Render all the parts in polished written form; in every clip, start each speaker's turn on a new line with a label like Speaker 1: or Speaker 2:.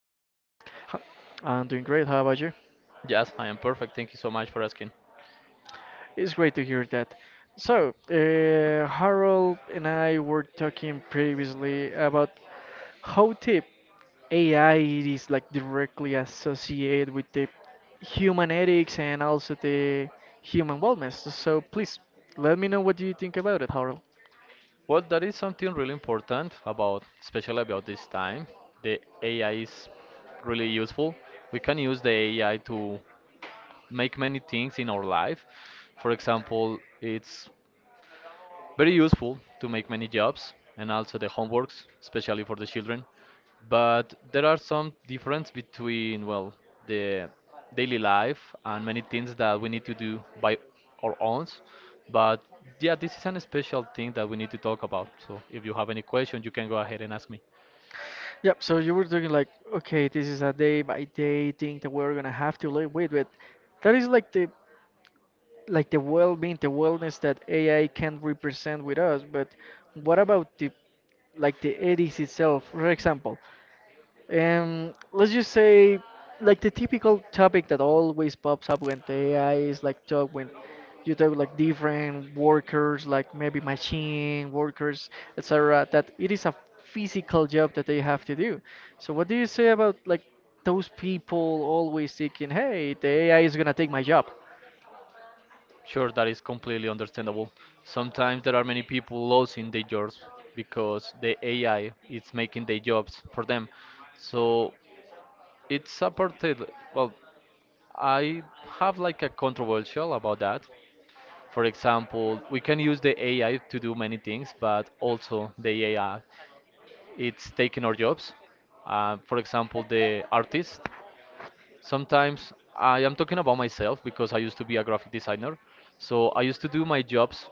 Speaker 1: How are you
Speaker 2: H-
Speaker 1: today?
Speaker 2: I'm doing great. How about you?
Speaker 1: Yes, I am perfect. Thank you so much for asking.
Speaker 2: It's great to hear that. So, Harold and I were talking previously about how the AI is like directly associated with the human ethics and also the human wellness. So, please let me know what do you think about it, Harold.
Speaker 1: Well, that is something really important about, especially about this time. The AI is really useful. We can use the AI to make many things in our life. For example, it's very useful to make many jobs and also the homeworks, especially for the children. But there are some difference between, well, the daily life and many things that we need to do by our own. But yeah, this is an special thing that we need to talk about. So if you have any questions, you can go ahead and ask me.
Speaker 2: Yep, so you were talking like, okay, this is a day by day thing that we're gonna have to live with, but that is like the well-being, the wellness that AI can represent with us. But what about the ethics itself? For example, let's just say, like the typical topic that always pops up when the AI is like talk when you talk like different workers, like maybe machine workers, etc. That it is a physical job that they have to do. So what do you say about like those people always thinking, hey, the AI is gonna take my job?
Speaker 1: Sure, that is completely understandable. Sometimes there are many people losing their jobs because the AI is making their jobs for them. So it's a part, well, I have like a controversial about that. For example, we can use the AI to do many things, but also the AI it's taking our jobs. For example, the artist. Sometimes I am talking about myself because I used to be a graphic designer, so I used to do my jobs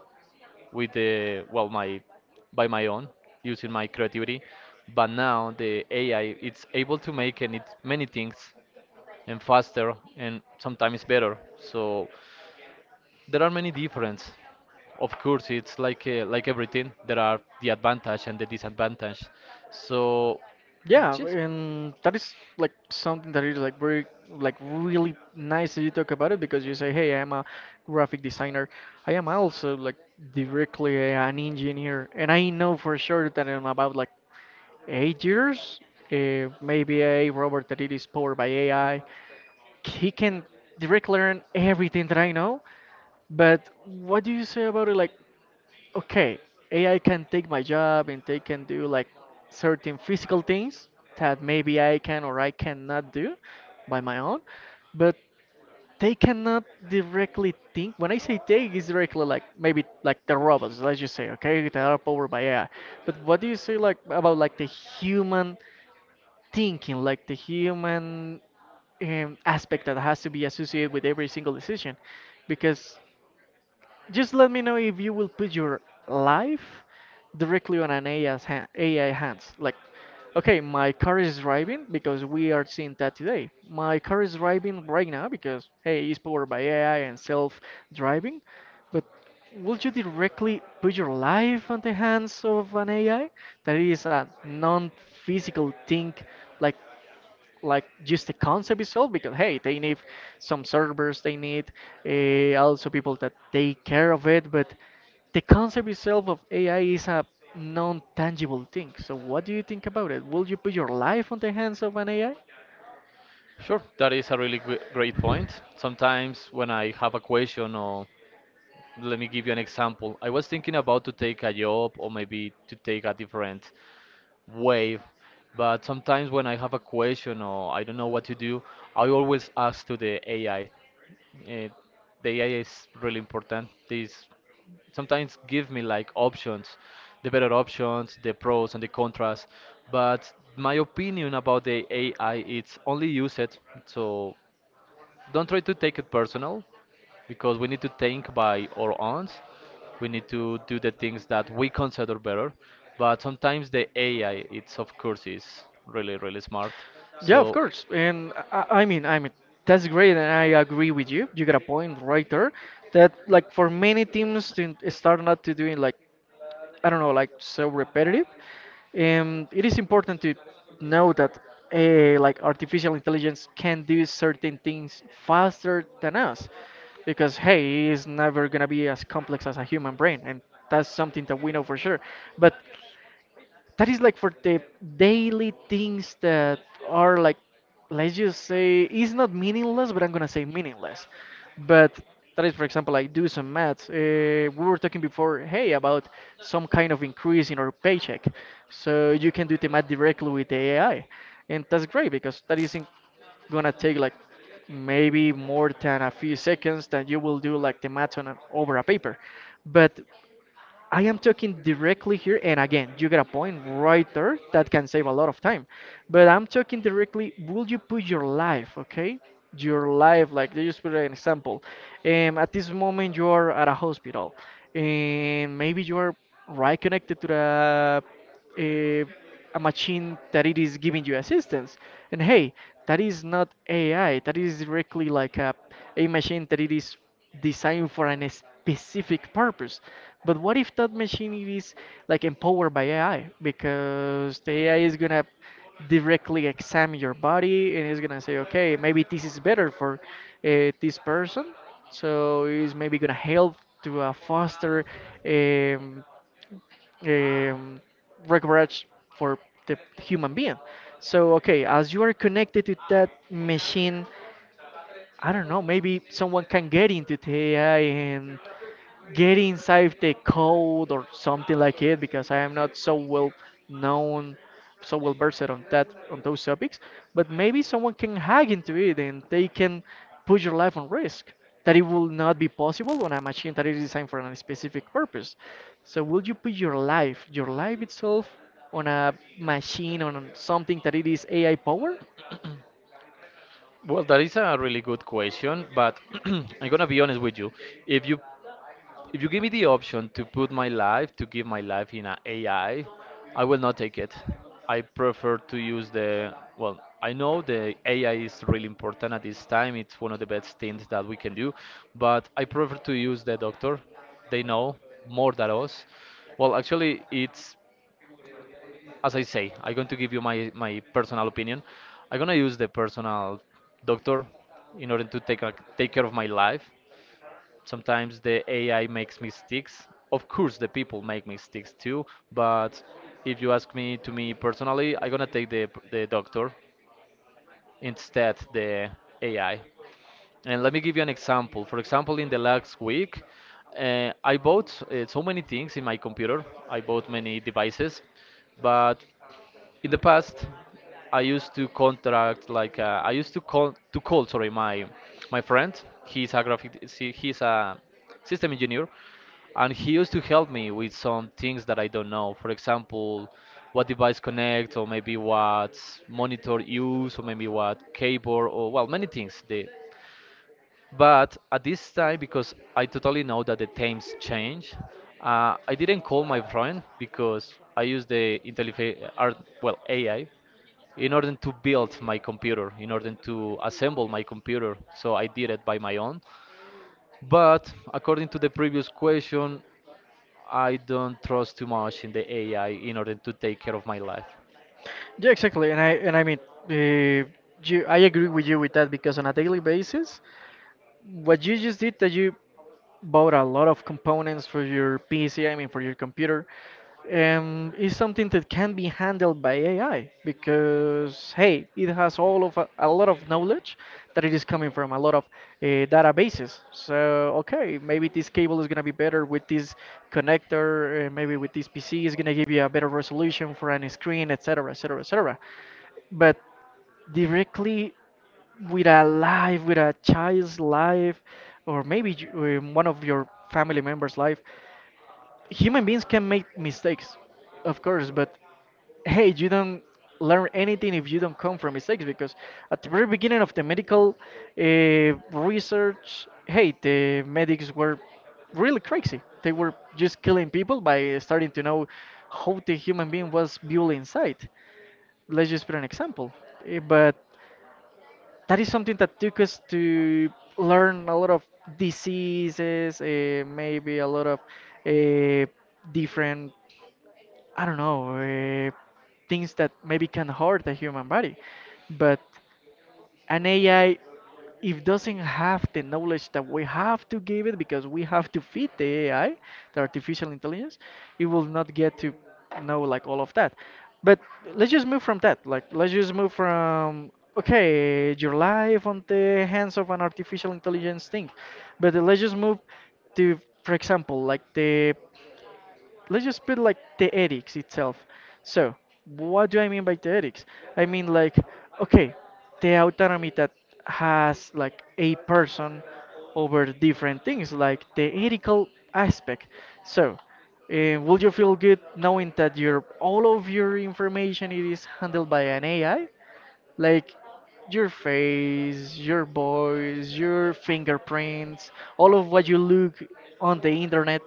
Speaker 1: with the, well, my, by my own, using my creativity. But now the AI it's able to make and it many things and faster and sometimes better. So there are many difference. Of course, it's like everything. There are the advantage and the disadvantage. So,
Speaker 2: Yeah,
Speaker 1: yes,
Speaker 2: and that is like something that is like very like really nice that you talk about it because you say, hey, I am a graphic designer. I am also like directly an engineer, and I know for sure that in about like 8 years, maybe a robot that it is powered by AI, he can directly learn everything that I know. But what do you say about it? Like okay, AI can take my job and they can do like certain physical things that maybe I can or I cannot do by my own, but they cannot directly think. When I say they, it's directly like maybe like the robots, let's just say, okay, that are powered by AI. But what do you say like about like the human thinking, like the human aspect that has to be associated with every single decision? Because just let me know if you will put your life directly on AI hands. Like, okay, my car is driving because we are seeing that today. My car is driving right now because, hey, it's powered by AI and self driving. But would you directly put your life on the hands of an AI that is a non physical thing like like just the concept itself because hey they need some servers they need also people that take care of it. But the concept itself of ai is a non-tangible thing, so what do you think about it? Will you put your life on the hands of an ai?
Speaker 1: sure, that is a really great point. Sometimes when I have a question, or let me give you an example. I was thinking about to take a job or maybe to take a different way, but sometimes when I have a question or I don't know what to do, I always ask to the AI. Uh, the AI is really important. This sometimes give me like options, the better options, the pros and the contras. But my opinion about the AI, it's only use it. So don't try to take it personal because we need to think by our own. We need to do the things that we consider better. But sometimes the AI, it's of course is really smart.
Speaker 2: Yeah, of
Speaker 1: So
Speaker 2: course, and I mean I mean that's great and I agree with you. You got a point right there that like for many teams to start not to doing like I don't know, like so repetitive. And it is important to know that like artificial intelligence can do certain things faster than us because hey, it is never gonna be as complex as a human brain, and that's something that we know for sure. But that is like for the daily things that are like let's just say it's not meaningless but I'm gonna say meaningless, but that is for example I do some maths. We were talking before, hey, about some kind of increase in our paycheck, so you can do the math directly with the ai and that's great because that isn't gonna take like maybe more than a few seconds that you will do like the math on over a paper. But I am talking directly here, and again, you get a point right there that can save a lot of time. But I'm talking directly, will you put your life, okay? Your life, like let's just put an example. At this moment, you are at a hospital, and maybe you are right connected to the a, a machine that it is giving you assistance. And hey, that is not AI. That is directly like a machine that it is designed for a specific purpose. But what if that machine it is like empowered by AI? Because the AI is gonna directly examine your body and it's gonna say, okay, maybe this is better for this person. So it's maybe gonna help to foster um, um, regards for the human being. So, okay, as you are connected to that machine, I don't know, maybe someone can get into the AI and get inside the code or something like it because I am not so well known, so well versed on that on those topics. But maybe someone can hack into it and they can put your life on risk. That it will not be possible on a machine that is designed for a specific purpose. So will you put your life itself, on a machine, on something that it is AI powered?
Speaker 1: well, that is a really good question, but I'm gonna be honest with you. If you If you give me the option to put my life, to give my life in a AI, I will not take it. I prefer to use the, well, I know the AI is really important at this time. It's one of the best things that we can do, but I prefer to use the doctor. They know more than us. Well, actually, it's, as I say, I'm going to give you my personal opinion. I'm going to use the personal doctor in order to take, a, take care of my life. Sometimes the AI makes mistakes. Of course, the people make mistakes too, but if you ask me to me personally, I'm gonna take the doctor instead the AI. And let me give you an example. For example, in the last week, I bought so many things in my computer. I bought many devices, but in the past, I used to contract like I used to call, sorry, my friend. He's a system engineer, and he used to help me with some things that I don't know. For example, what device connect, or maybe what monitor use, or maybe what cable, or well, many things. They, but at this time, because I totally know that the times change, I didn't call my friend because I use the well, AI, in order to build my computer, in order to assemble my computer. So I did it by my own. But according to the previous question, I don't trust too much in the AI in order to take care of my life.
Speaker 2: Yeah, exactly, and I mean, uh, I agree with you with that, because on a daily basis, what you just did that you bought a lot of components for your PC, I mean for your computer, is something that can be handled by AI because hey, it has all of a lot of knowledge that it is coming from a lot of uh, databases. So okay, maybe this cable is gonna be better with this connector, maybe with this PC is gonna give you a better resolution for any screen, etc., etc., etc. But directly with a life, with a child's life, or maybe one of your family members' life. Human beings can make mistakes, of course, but hey, you don't learn anything if you don't come from mistakes because at the very beginning of the medical uh, research, hey, the medics were really crazy. They were just killing people by starting to know how the human being was built inside. Let's just put an example. But that is something that took us to learn a lot of diseases, maybe a lot of uh, different, I don't know, things that maybe can hurt the human body. But an AI if doesn't have the knowledge that we have to give it because we have to feed the AI, the artificial intelligence, it will not get to know like all of that. But let's just move from that. Like let's just move from okay, your life on the hands of an artificial intelligence thing. But let's just move to, for example, like the let's just put like the ethics itself. So, what do I mean by the ethics? I mean like, okay, the autonomy that has like a person over different things, like the ethical aspect. So, will you feel good knowing that your all of your information it is handled by an AI? Like your face, your voice, your fingerprints, all of what you look on the internet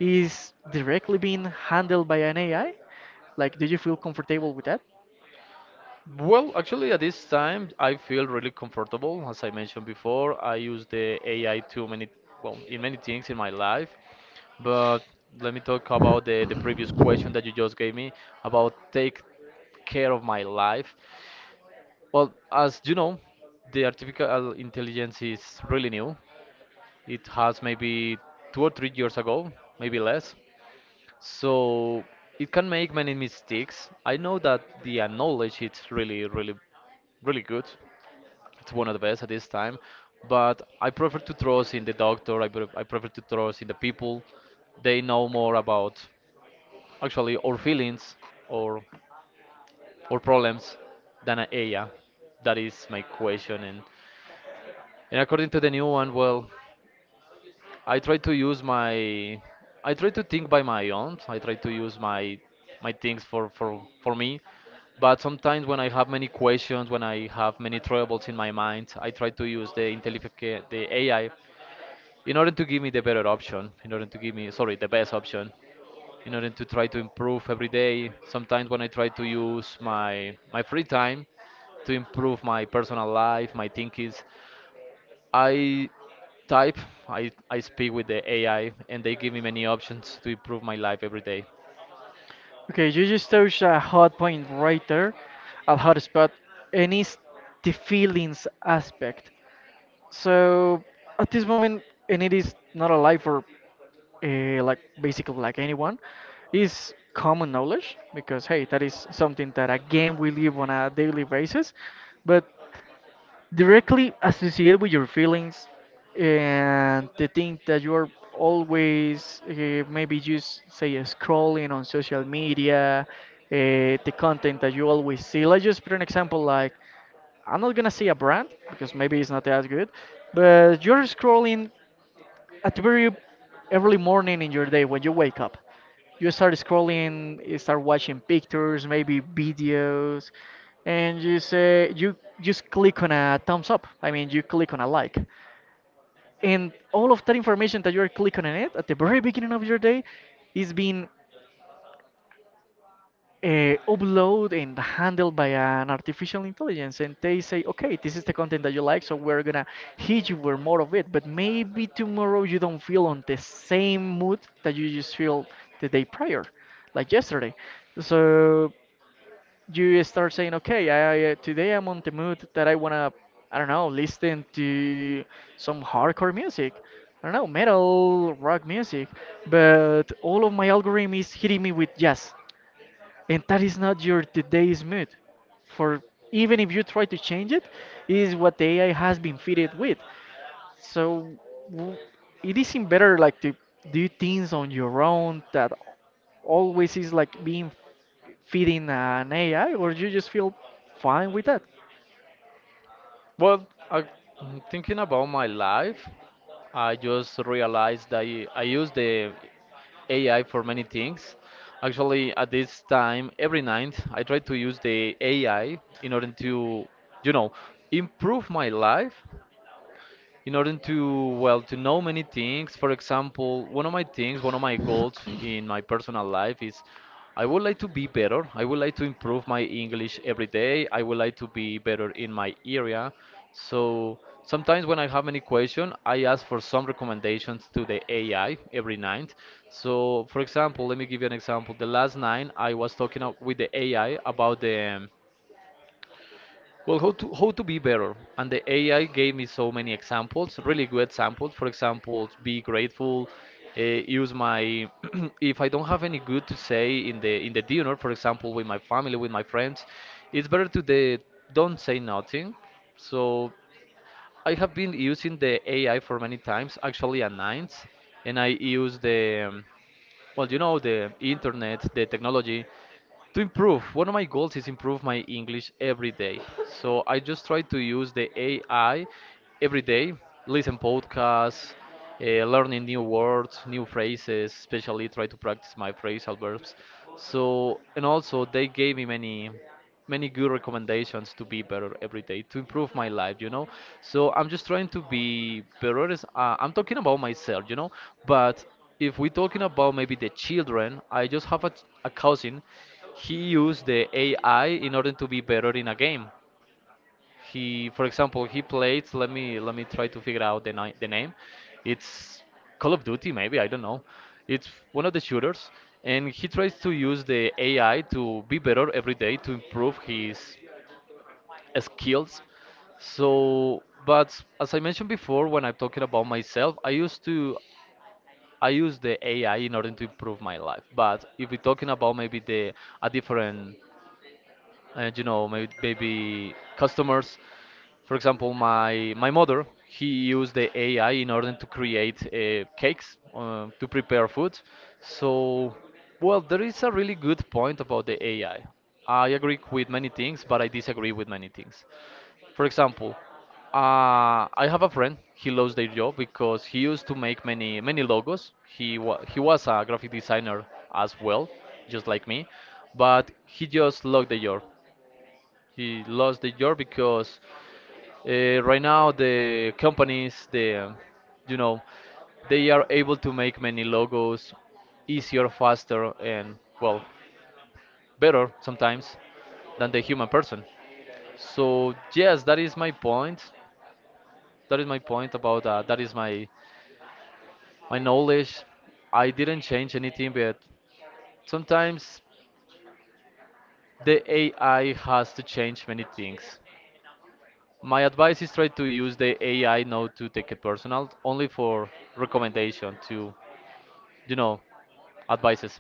Speaker 2: is directly being handled by an AI? Like, do you feel comfortable with that?
Speaker 1: Well, actually, at this time, I feel really comfortable. As I mentioned before, I use the AI too many, well, in many things in my life. But let me talk about the previous question that you just gave me about take care of my life. Well, as you know, the artificial intelligence is really new. It has maybe 2 or 3 years ago, maybe less. So it can make many mistakes. I know that the knowledge it's really, really, really good. It's one of the best at this time. But I prefer to trust in the doctor. I prefer to trust in the people. They know more about actually our feelings or or problems than an AI. That is my question. And according to the new one, well, I try to use my I try to think by my own. I try to use my things for me. But sometimes when I have many questions, when I have many troubles in my mind, I try to use the the AI in order to give me the better option, in order to give me, sorry, the best option, in order to try to improve every day. Sometimes when I try to use my free time to improve my personal life, my thinkings, I type, I speak with the AI and they give me many options to improve my life every day.
Speaker 2: Okay, you just touched a hot point right there, a hot spot, and it's the feelings aspect. So at this moment, and it is not alive for like basically like anyone, is common knowledge because hey, that is something that again we live on a daily basis. But directly associated with your feelings and the thing that you're always maybe just say scrolling on social media. The content that you always see, let's just put an example, like I'm not gonna say a brand because maybe it's not that good, but you're scrolling at the very early morning in your day when you wake up, you start scrolling, you start watching pictures, maybe videos, and you say you just click on a thumbs up, I mean you click on a like, and all of that information that you're clicking on it at the very beginning of your day is being uh, upload and handled by an artificial intelligence, and they say okay this is the content that you like, so we're gonna hit you with more of it. But maybe tomorrow you don't feel on the same mood that you just feel the day prior, like yesterday, so you start saying okay, today I'm on the mood that I wanna I don't know, listen to some hardcore music, I don't know, metal, rock music, but all of my algorithm is hitting me with jazz, and that is not your today's mood. For even if you try to change it, it is what the ai has been fitted with. So w- it isn't better like to do things on your own that always is like being feeding an ai, or you just feel fine with that?
Speaker 1: Well, thinking about my life, I just realized that I use the AI for many things. Actually, at this time, every night, I try to use the AI in order to, you know, improve my life in order to well to know many things. For example, one of my things, one of my goals in my personal life is, I would like to be better, I would like to improve my English every day, I would like to be better in my area. So sometimes when I have any question, I ask for some recommendations to the AI every night. So for example, let me give you an example, the last night I was talking out with the AI about the, well, how to be better, and the AI gave me so many examples, really good examples. For example, be grateful. Use my if I don't have any good to say in the dinner, for example, with my family, with my friends, it's better to the don't say nothing. So I have been using the AI for many times, actually at night, and I use the well, you know, the internet, the technology to improve. One of my goals is improve my English every day, so I just try to use the AI every day, listen podcasts, learning new words, new phrases, especially try to practice my phrasal verbs. So and also they gave me many many good recommendations to be better every day, to improve my life, you know. So I'm just trying to be better as- I'm talking about myself, you know. But if we're talking about maybe the children, I just have a cousin. He used the AI in order to be better in a game. He, for example, he played. Let me try to figure out the name. It's Call of Duty, maybe I don't know. It's one of the shooters, and he tries to use the AI to be better every day to improve his skills. So, but as I mentioned before, when I'm talking about myself, I use the AI in order to improve my life. But if we're talking about maybe the a different and you know maybe customers, for example my mother he used the AI in order to create cakes, to prepare food. So well there is a really good point about the AI. I agree with many things but I disagree with many things. For example, I have a friend, he lost their job because he used to make many many logos, he was a graphic designer as well, just like me, but he just lost the job. He lost the job because right now the companies, the, you know, they are able to make many logos easier, faster, and well, better sometimes than the human person. So yes, that is my point. That is my point about that. That is my knowledge. I didn't change anything, but sometimes the AI has to change many things. My advice is try to use the AI not to take it personal, only for recommendation to, you know, advices.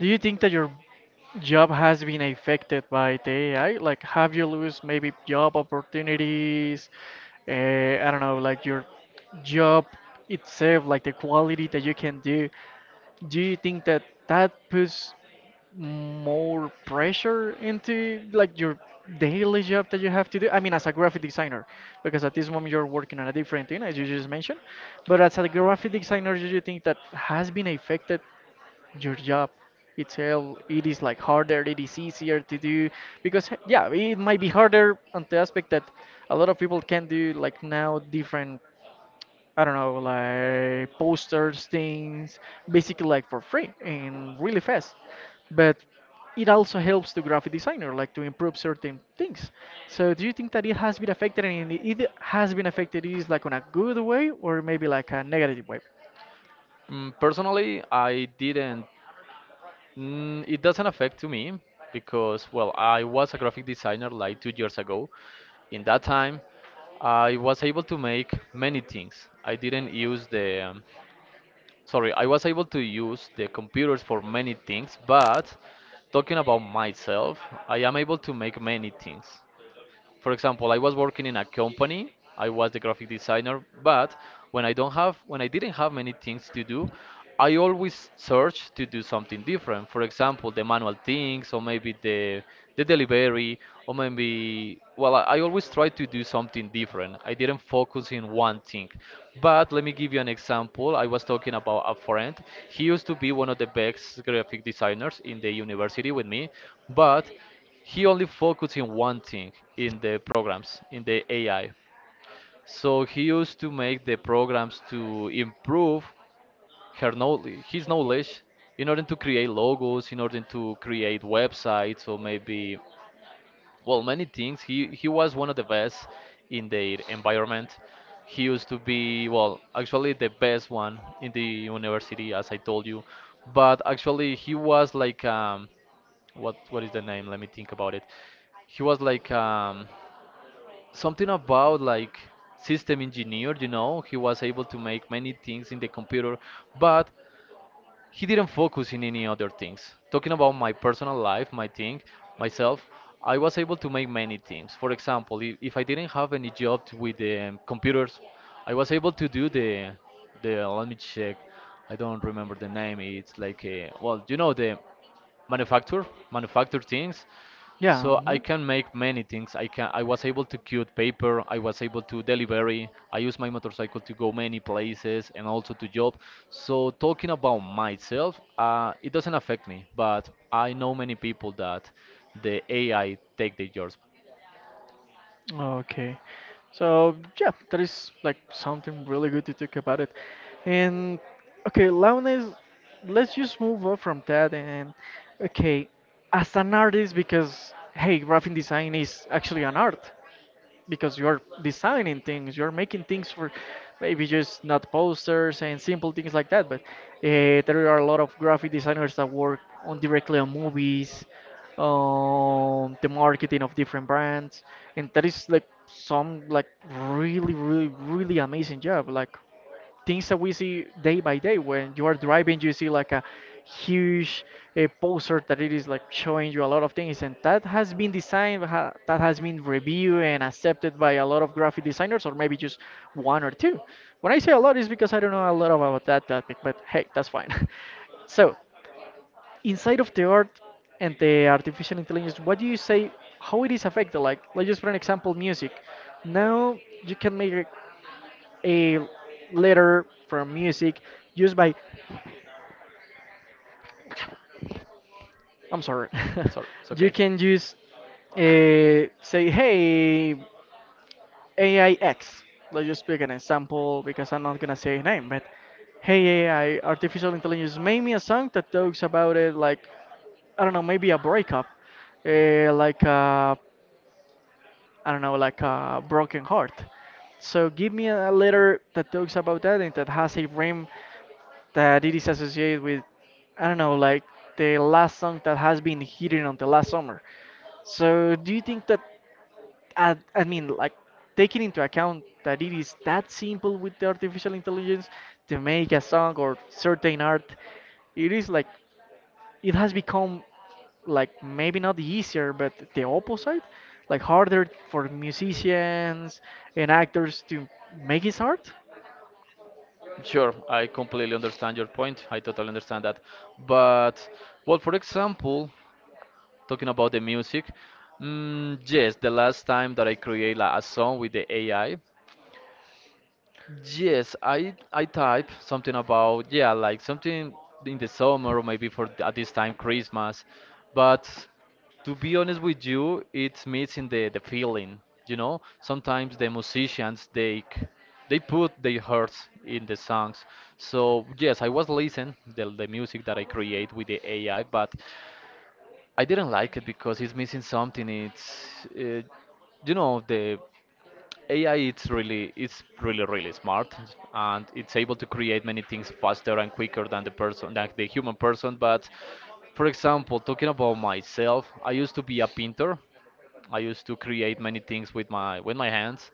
Speaker 2: Do you think that your job has been affected by the AI? Like, have you lose maybe job opportunities? Uh, I don't know, like your job itself, like the quality that you can do. Do you think that that puts more pressure into like your daily job that you have to do? I mean, as a graphic designer, because at this moment you're working on a different thing, as you just mentioned. But as a graphic designer, do you think that has been affected your job itself, it is like harder, it is easier to do? Because yeah, it might be harder on the aspect that a lot of people can do like now different, I don't know, like posters, things, basically like for free and really fast. But it also helps the graphic designer like to improve certain things. So do you think that it has been affected, and it has been affected, is like on a good way or maybe like a negative way?
Speaker 1: Personally, I didn't. It doesn't affect to me because, well, I was a graphic designer like 2 years ago. In that time, I was able to make many things. I didn't use the. Sorry, I was able to use the computers for many things, but talking about myself, I am able to make many things. For example, I was working in a company. I was the graphic designer, but when I didn't have many things to do, I always search to do something different. For example, the manual things or maybe the delivery, or maybe, well, I always try to do something different. I didn't focus in one thing. But let me give you an example. I was talking about a friend. He used to be one of the best graphic designers in the university with me, but he only focused in one thing, in the programs, in the AI. So he used to make the programs to improve his knowledge, in order to create logos, in order to create websites, or maybe, well, many things. He was one of the best in their environment. He used to be, well, actually the best one in the university, as I told you, but actually he was like what is the name? Let me think about it. He was like something about like system engineer, you know. He was able to make many things in the computer, but he didn't focus in any other things. Talking about my personal life, my thing, myself, I was able to make many things. For example, if I didn't have any job with computers, I was able to do the, let me check, I don't remember the name. It's like a, well, you know, the manufacture things,
Speaker 2: Yeah,
Speaker 1: so I
Speaker 2: mhm.
Speaker 1: can make many things. I was able to cut paper, I was able to delivery, I use my motorcycle to go many places and also to job. So talking about myself, it doesn't affect me, but I know many people that the AI take their jobs.
Speaker 2: Okay. So yeah, that is like something really good to talk about it. And okay, Launes, let's just move on from that and okay, as an artist, because hey, graphic design is actually an art. Because you're designing things, you're making things for maybe just not posters and simple things like that. But there are a lot of graphic designers that work on directly on movies, on the marketing of different brands, and that is like some like really, really, really amazing job. Like things that we see day by day, when you are driving you see like a huge a poster that it is like showing you a lot of things and that has been designed that has been reviewed and accepted by a lot of graphic designers, or maybe just one or two. When I say a lot is because I don't know a lot about that topic, but hey, that's fine. So inside of the art and the artificial intelligence, what do you say, how it is affected? Like, let's just for an example, music. Now you can make a letter from music used by, I'm sorry.
Speaker 1: Sorry, it's
Speaker 2: You
Speaker 1: okay.
Speaker 2: can use, say hey, Aix, let's just pick an example because I'm not gonna say a name. But hey, AI, artificial intelligence, make me a song that talks about it, like I don't know, maybe a breakup, like I don't know, like a broken heart. So give me a letter that talks about that and that has a rhyme that it is associated with, I don't know, like the last song that has been hidden until last summer. So do you think that I mean like, taking into account that it is that simple with the artificial intelligence to make a song or certain art, it is like it has become like maybe not easier but the opposite, like harder for musicians and actors to make his art?
Speaker 1: Sure, I completely understand your point. I totally understand that. But, well, for example, talking about the music, mm, yes, the last time that I create like a song with the AI, yes, I type something about, yeah, like something in the summer, or maybe for at this time, Christmas. But to be honest with you, it's missing the feeling, you know? Sometimes the musicians they put their hearts in the songs. So yes, I was listening the music that I create with the AI, but I didn't like it because it's missing something. It's uh, you know, the AI, it's really, it's really really smart, and it's able to create many things faster and quicker than the person, than the human person. But for example, talking about myself, I used to be a painter. I used to create many things with my hands.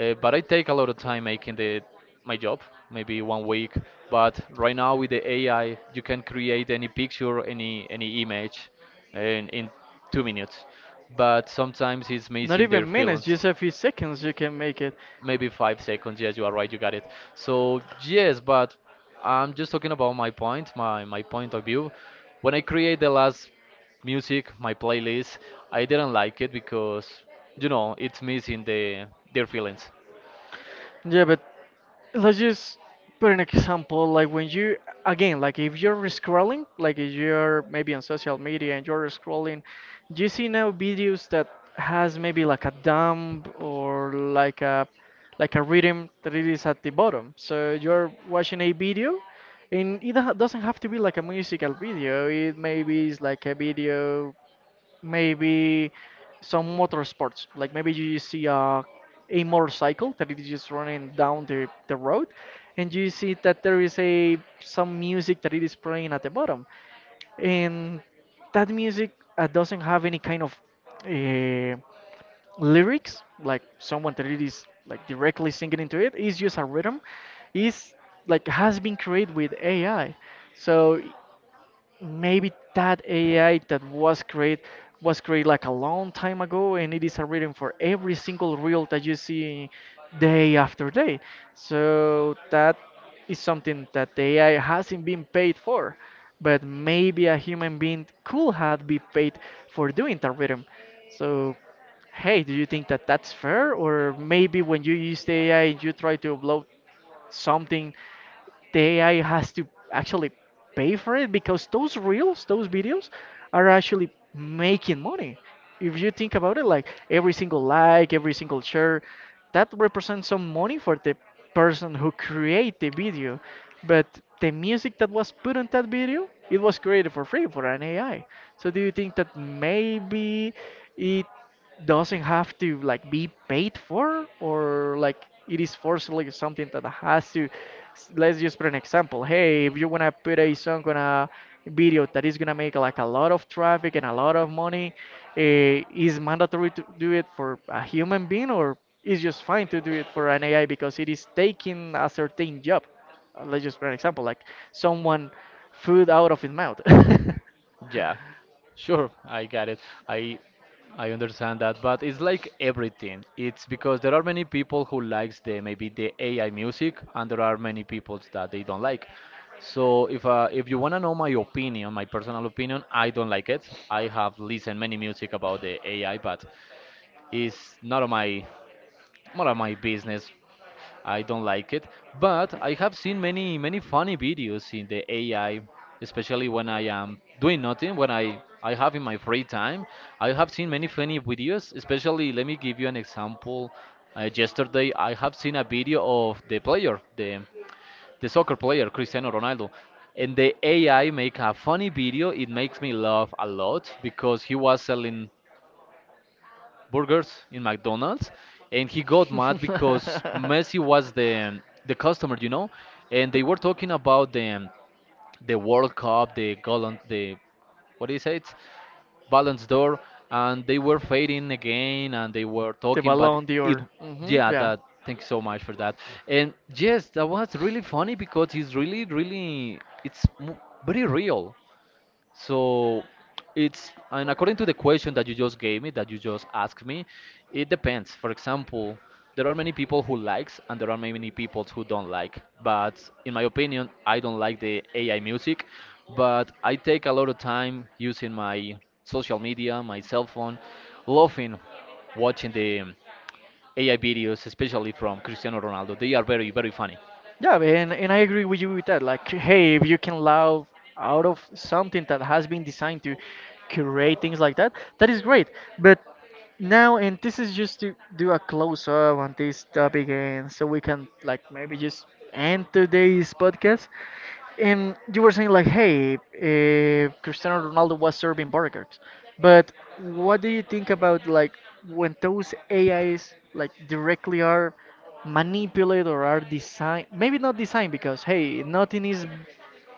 Speaker 1: But I take a lot of time making the my job, maybe one week. But right now, with the AI, you can create any picture, any image in 2 minutes, but sometimes it's
Speaker 2: Not
Speaker 1: missing their
Speaker 2: even minutes,
Speaker 1: feelings.
Speaker 2: just a few seconds you can make it.
Speaker 1: Maybe 5 seconds. Yes, you are right. You got it. So yes, but I'm just talking about my point, my point of view. When I create the last music, my playlist, I didn't like it because, you know, it's missing the their feelings.
Speaker 2: Yeah, but let's just put an example like when you, again, like if you're scrolling, like if you're maybe on social media and you're scrolling, you see now videos that has maybe like a dump or like a rhythm that it is at the bottom. So you're watching a video and doesn't have to be like a musical video, it maybe is like a video, maybe some motor sports, like maybe you see a motorcycle that is just running down the road, and you see that there is a some music that it is playing at the bottom. And that music, doesn't have any kind of uh, lyrics, like someone that it is like directly singing into it, it's just a rhythm, is like has been created with AI. So maybe that AI that was created like a long time ago, and it is a reading for every single reel that you see day after day. So that is something that the AI hasn't been paid for, but maybe a human being could have been paid for doing that rhythm. So hey, do you think that that's fair? Or maybe when you use the AI, you try to upload something, the AI has to actually pay for it, because those reels, those videos are actually making money. If you think about it, like, every single share, that represents some money for the person who create the video. But the music that was put on that video, it was created for free for an AI. So do you think that maybe it doesn't have to like be paid for, or like it is forcibly something that has to let's just put an example, hey, if you want to put a song on a video that is going to make like a lot of traffic and a lot of money, eh, is mandatory to do it for a human being, or is just fine to do it for an AI because it is taking a certain job? Let's just put an example like someone food out of his mouth.
Speaker 1: Yeah, sure, I got it. I I understand that, but it's like everything. It's because there are many people who likes the, maybe the AI music, and there are many people that they don't like. So if you wanna know my opinion, my personal opinion, I don't like it. I have listened many music about the AI, but it's not of my, not of my business. I don't like it, but I have seen many many funny videos in the AI, especially when I am doing nothing, when I have in my free time. I have seen many funny videos. Especially, let me give you an example. Yesterday I have seen a video of the soccer player Cristiano Ronaldo. And the AI make a funny video. It makes me laugh a lot because he was selling burgers in McDonald's, and he got mad because Messi was the customer, you know, and they were talking about the World Cup, the Golden, the, what is it, Ballons d'Or, and they were fading again, and they were
Speaker 2: The
Speaker 1: talking, but
Speaker 2: Ballon
Speaker 1: it,
Speaker 2: d'Or. Hmm.
Speaker 1: yeah,
Speaker 2: Yeah.
Speaker 1: that. Thank you so much for that. And yes, that was really funny because it's really, really, very real. So it's, and according to the question that you just gave me, that you just asked me, it depends. For example, there are many people who likes, and there are many people who don't like. But in my opinion, I don't like the AI music, but I take a lot of time using my social media, my cell phone, loving watching the AI videos, especially from Cristiano Ronaldo. They are very, very funny.
Speaker 2: Yeah, and I agree with you with that. Like, hey, if you can allow out of something that has been designed to create things like that, that is great. But now, and this is just to do a close up on this topic, and so we can like maybe just end today's podcast. And you were saying like, hey, Cristiano Ronaldo was serving burgers. But what do you think about like when those AIs like directly are manipulated or are designed? Maybe not designed, because hey, nothing is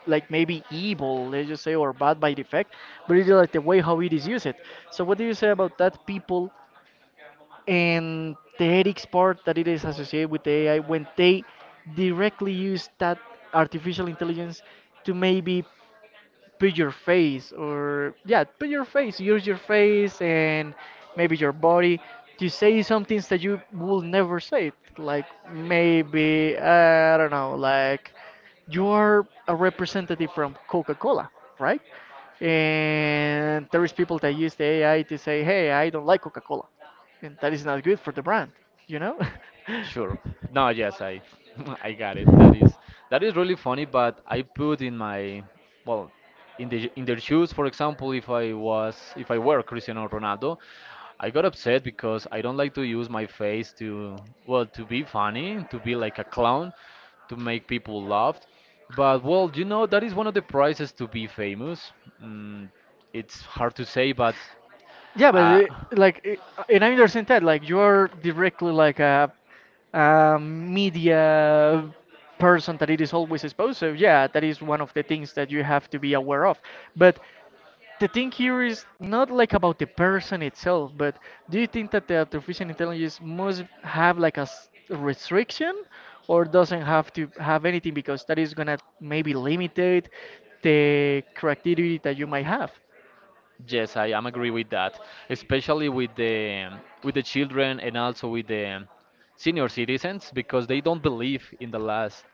Speaker 2: like maybe evil, let's just say, or bad by defect, but it's like the way how it is used. So what do you say about that? People and the ethics part that it is associated with the AI when they directly use that artificial intelligence to maybe put your face, or yeah, put your face, use your face and maybe your body to say some things that you will never say, like maybe, I don't know, like you are a representative from Coca-Cola, right? And there is people that use the AI to say hey, I don't like Coca-Cola, and that is not good for the brand, you know.
Speaker 1: Sure. No, yes, I I got it. That is, that is really funny, but I put in my, well, in the in their shoes. For example, if I were Cristiano Ronaldo, I got upset because I don't like to use my face to, well, to be funny, to be like a clown, to make people laugh. But well, you know, that is one of the prizes to be famous. Mm, it's hard to say, but
Speaker 2: Yeah, but
Speaker 1: uh,
Speaker 2: like, and I understand that. Like, you are directly like a media person that it is always exposed. So yeah, that is one of the things that you have to be aware of. But the thing here is not like about the person itself, but do you think that the artificial intelligence must have like a restriction, or doesn't have to have anything because that is gonna maybe limit the creativity that you might have?
Speaker 1: yes, I am agree with that, especially with the children, and also with the senior citizens, because they don't believe in the last,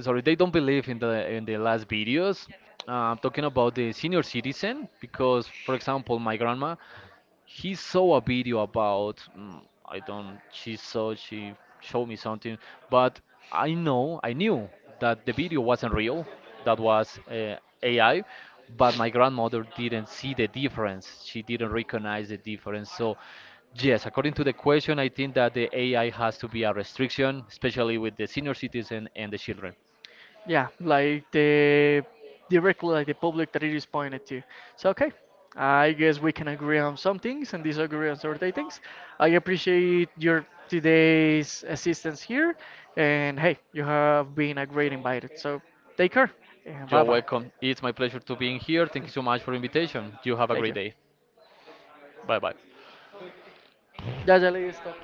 Speaker 1: sorry, they don't believe in the last videos. I'm talking about the senior citizen because, for example, my grandma, he saw a video about, mm, I don't, she showed me something, but I knew that the video wasn't real, that was AI, but my grandmother didn't see the difference. She didn't recognize the difference. So yes, according to the question, I think that the AI has to be a restriction, especially with the senior citizen and the children.
Speaker 2: Yeah, like the directly like the public that it is pointed to. So okay, I guess we can agree on some things and disagree on certain things. I appreciate your today's assistance here, and hey, you have been a great invited. So take care and bye
Speaker 1: You're
Speaker 2: bye.
Speaker 1: welcome. It's my pleasure to being here. Thank you so much for the invitation. You have a
Speaker 2: Thank
Speaker 1: great
Speaker 2: you.
Speaker 1: day. Bye bye.
Speaker 2: Ya, ya le di stop.